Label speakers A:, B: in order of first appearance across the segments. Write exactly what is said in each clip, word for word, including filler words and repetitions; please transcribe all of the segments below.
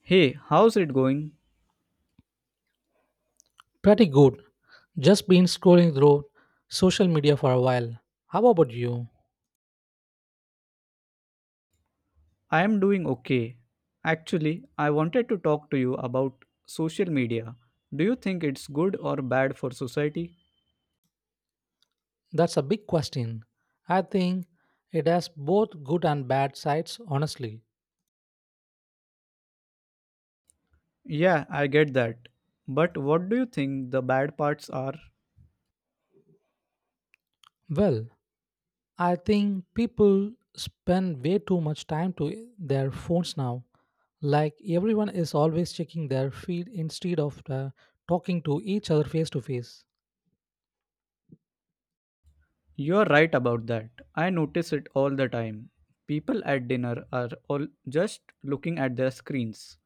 A: Hey, how's it going?
B: Pretty good. Just been scrolling through social media for a while. How about you?
A: I am doing okay. Actually, I wanted to talk to you about social media. Do you think it's good or bad for society?
B: That's a big question. I think it has both good and bad sides, honestly.
A: Yeah, I get that. But what do you think the bad parts are?
B: Well, I think people spend way too much time to their phones now. Like everyone is always checking their feed instead of uh, talking to each other face to face.
A: You're right about that. I notice it all the time. People at dinner are all just looking at their screens.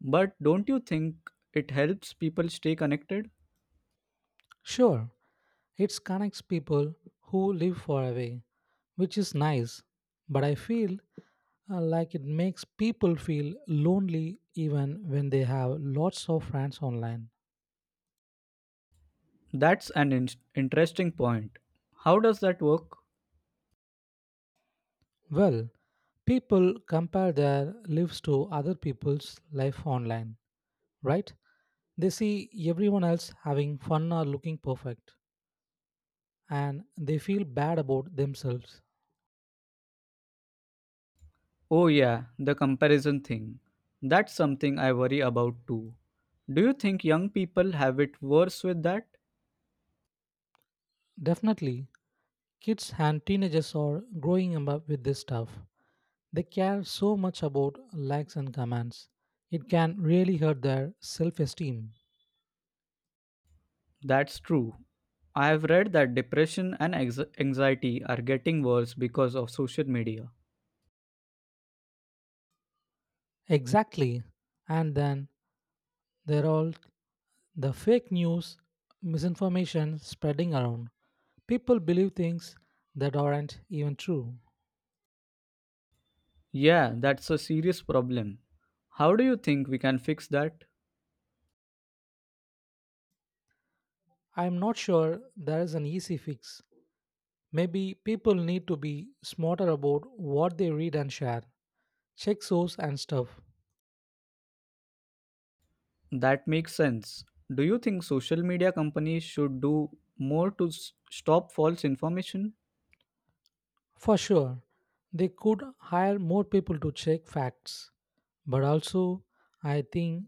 A: But don't you think it helps people stay connected?
B: Sure, it connects people who live far away, which is nice, but I feel uh, like it makes people feel lonely even when they have lots of friends online.
A: That's an in- interesting point. How does that work?
B: Well, people compare their lives to other people's life online, right? They see everyone else having fun or looking perfect, and they feel bad about themselves.
A: Oh, yeah, the comparison thing. That's something I worry about too. Do you think young people have it worse with that?
B: Definitely, kids and teenagers are growing up with this stuff. They care so much about likes and comments. It can really hurt their self esteem.
A: That's true. I have read that depression and ex- anxiety are getting worse because of social media.
B: Exactly. And then there are all the fake news, misinformation spreading around. People believe things that aren't even true.
A: Yeah, that's a serious problem. How do you think we can fix that?
B: I'm not sure there is an easy fix. Maybe people need to be smarter about what they read and share, check source and stuff.
A: That makes sense. Do you think social media companies should do more to s- stop false information?
B: For sure, they could hire more people to check facts, but also I think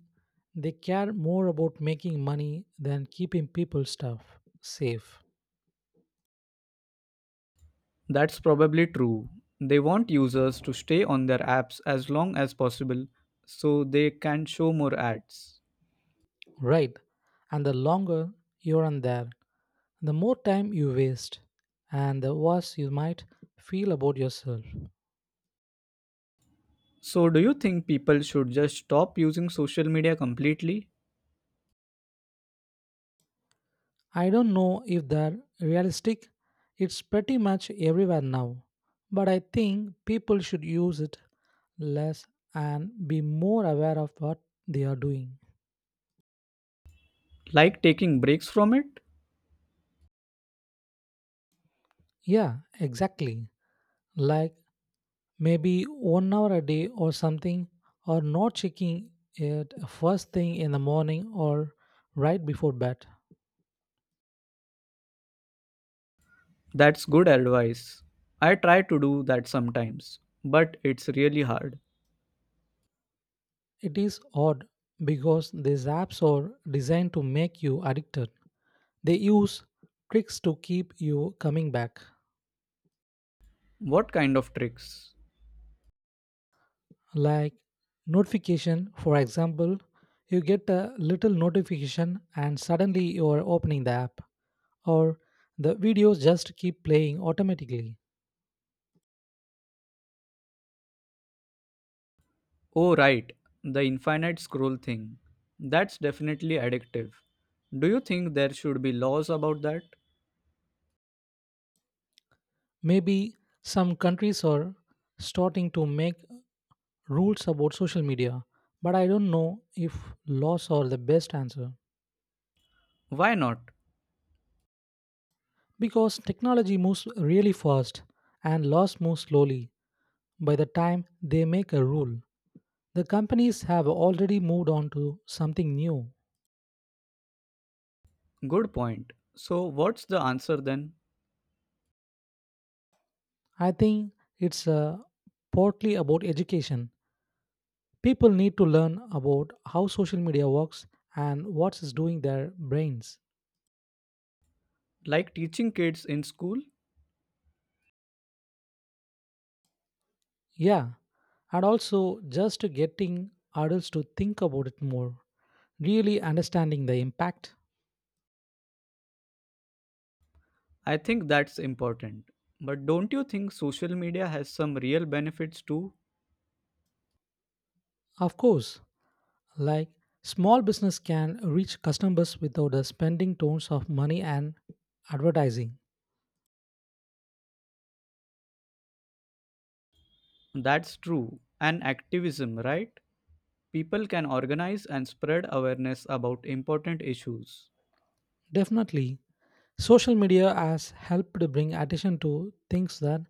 B: they care more about making money than keeping people's stuff safe,
A: That's probably true. They want users to stay on their apps as long as possible so they can show more ads.
B: right? And the longer you're on there, the more time you waste and the worse you might feel about yourself.
A: So, do you think people should just stop using social media completely?
B: I don't know if they're realistic. It's pretty much everywhere now. But I think people should use it less and be more aware of what they are doing.
A: Like taking breaks from it?
B: Yeah, exactly. Like maybe one hour a day or something, or not checking it first thing in the morning or right before bed.
A: That's good advice. I try to do that sometimes, but it's really hard.
B: It is odd because these apps are designed to make you addicted. They use tricks to keep you coming back.
A: What kind of tricks?
B: Like notification for example, you get a little notification and suddenly you are opening the app, or the videos just keep playing automatically.
A: Oh, right, the infinite scroll thing. That's definitely addictive. Do you think there should be laws about that?
B: Maybe some countries are starting to make rules about social media, but I don't know if laws are the best answer.
A: Why not?
B: Because technology moves really fast and laws move slowly. By the time they make a rule, the companies have already moved on to something new.
A: Good point. So, what's the answer then?
B: I think it's uh, partly about education. People need to learn about how social media works and what is doing their brains.
A: Like teaching kids in school?
B: Yeah, and also just getting adults to think about it more, really understanding the impact.
A: I think that's important. But don't you think social media has some real benefits too?
B: Of course, like small business can reach customers without the spending tons of money and advertising.
A: That's true. And activism, right? People can organize and spread awareness about important issues.
B: Definitely, social media has helped bring attention to things that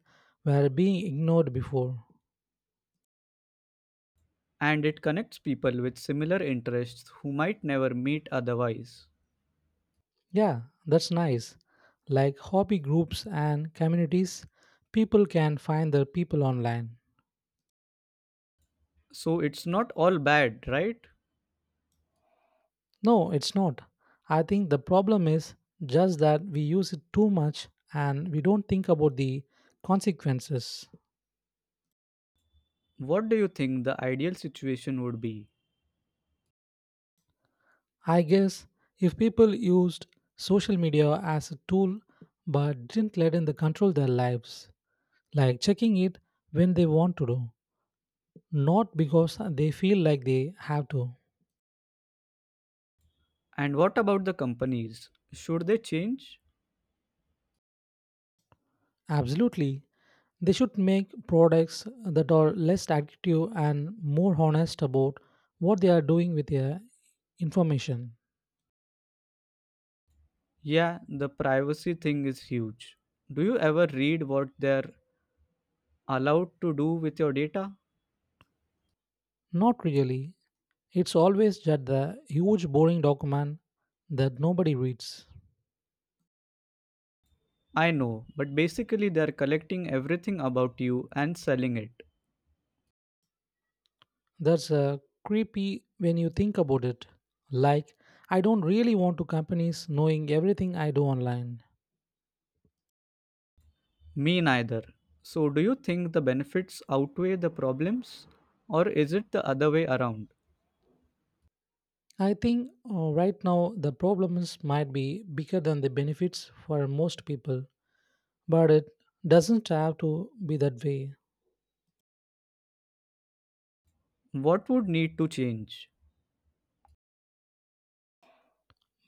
B: were being ignored before.
A: And it connects people with similar interests who might never meet otherwise.
B: Yeah, that's nice. Like hobby groups and communities, people can find their people online.
A: So, it's not all bad, right?
B: No, it's not. I think the problem is just that we use it too much and we don't think about the consequences.
A: What do you think the ideal situation would be?
B: I guess if people used social media as a tool but didn't let it control their lives, like checking it when they want to do, not because they feel like they have to.
A: And what about the companies? Should they change?
B: Absolutely, they should make products that are less addictive and more honest about what they are doing with their information.
A: Yeah, the privacy thing is huge. Do you ever read what they're allowed to do with your data?
B: Not really. It's always just the huge boring document that nobody reads.
A: I know, but basically they're collecting everything about you and selling it.
B: That's uh, creepy when you think about it. Like, I don't really want to companies knowing everything I do online.
A: Me neither. So, do you think the benefits outweigh the problems? Or is it the other way around?
B: I think uh, right now the problems might be bigger than the benefits for most people, but it doesn't have to be that way.
A: What would need to change?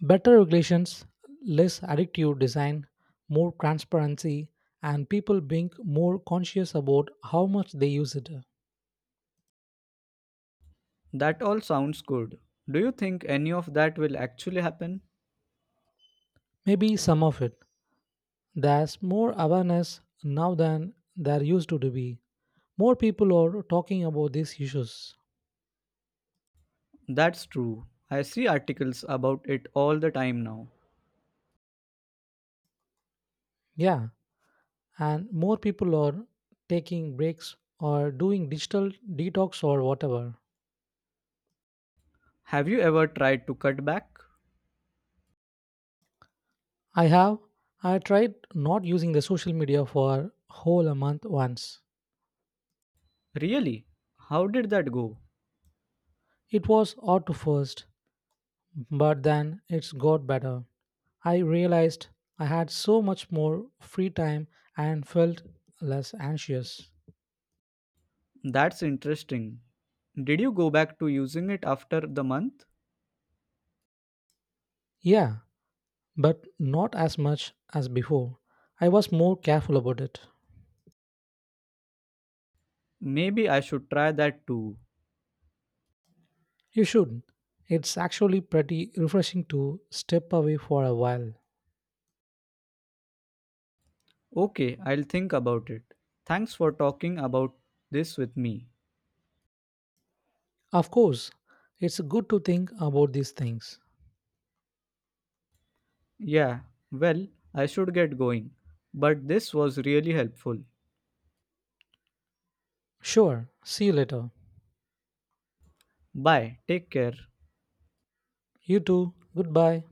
B: Better regulations, less addictive design, more transparency, and people being more conscious about how much they use it.
A: That all sounds good. Do you think any of that will actually happen?
B: Maybe some of it. There's more awareness now than there used to be. More people are talking about these issues.
A: That's true. I see articles about it all the time now.
B: Yeah, and more people are taking breaks or doing digital detox or whatever.
A: Have you ever tried to cut back?
B: I have I tried not using the social media for whole a month once.
A: Really? How did that go?
B: It was hard to first, but then it's got better. I realized I had so much more free time and felt less anxious.
A: That's interesting. Did you go back to using it after the month?
B: Yeah, but not as much as before. I was more careful about it.
A: Maybe I should try that too.
B: You should. Not It's actually pretty refreshing to step away for a while.
A: Okay, I'll think about it. Thanks for talking about this with me.
B: Of course, it's good to think about these things.
A: Yeah, well, I should get going. But this was really helpful.
B: Sure, see you later.
A: Bye, take care.
B: You too, goodbye.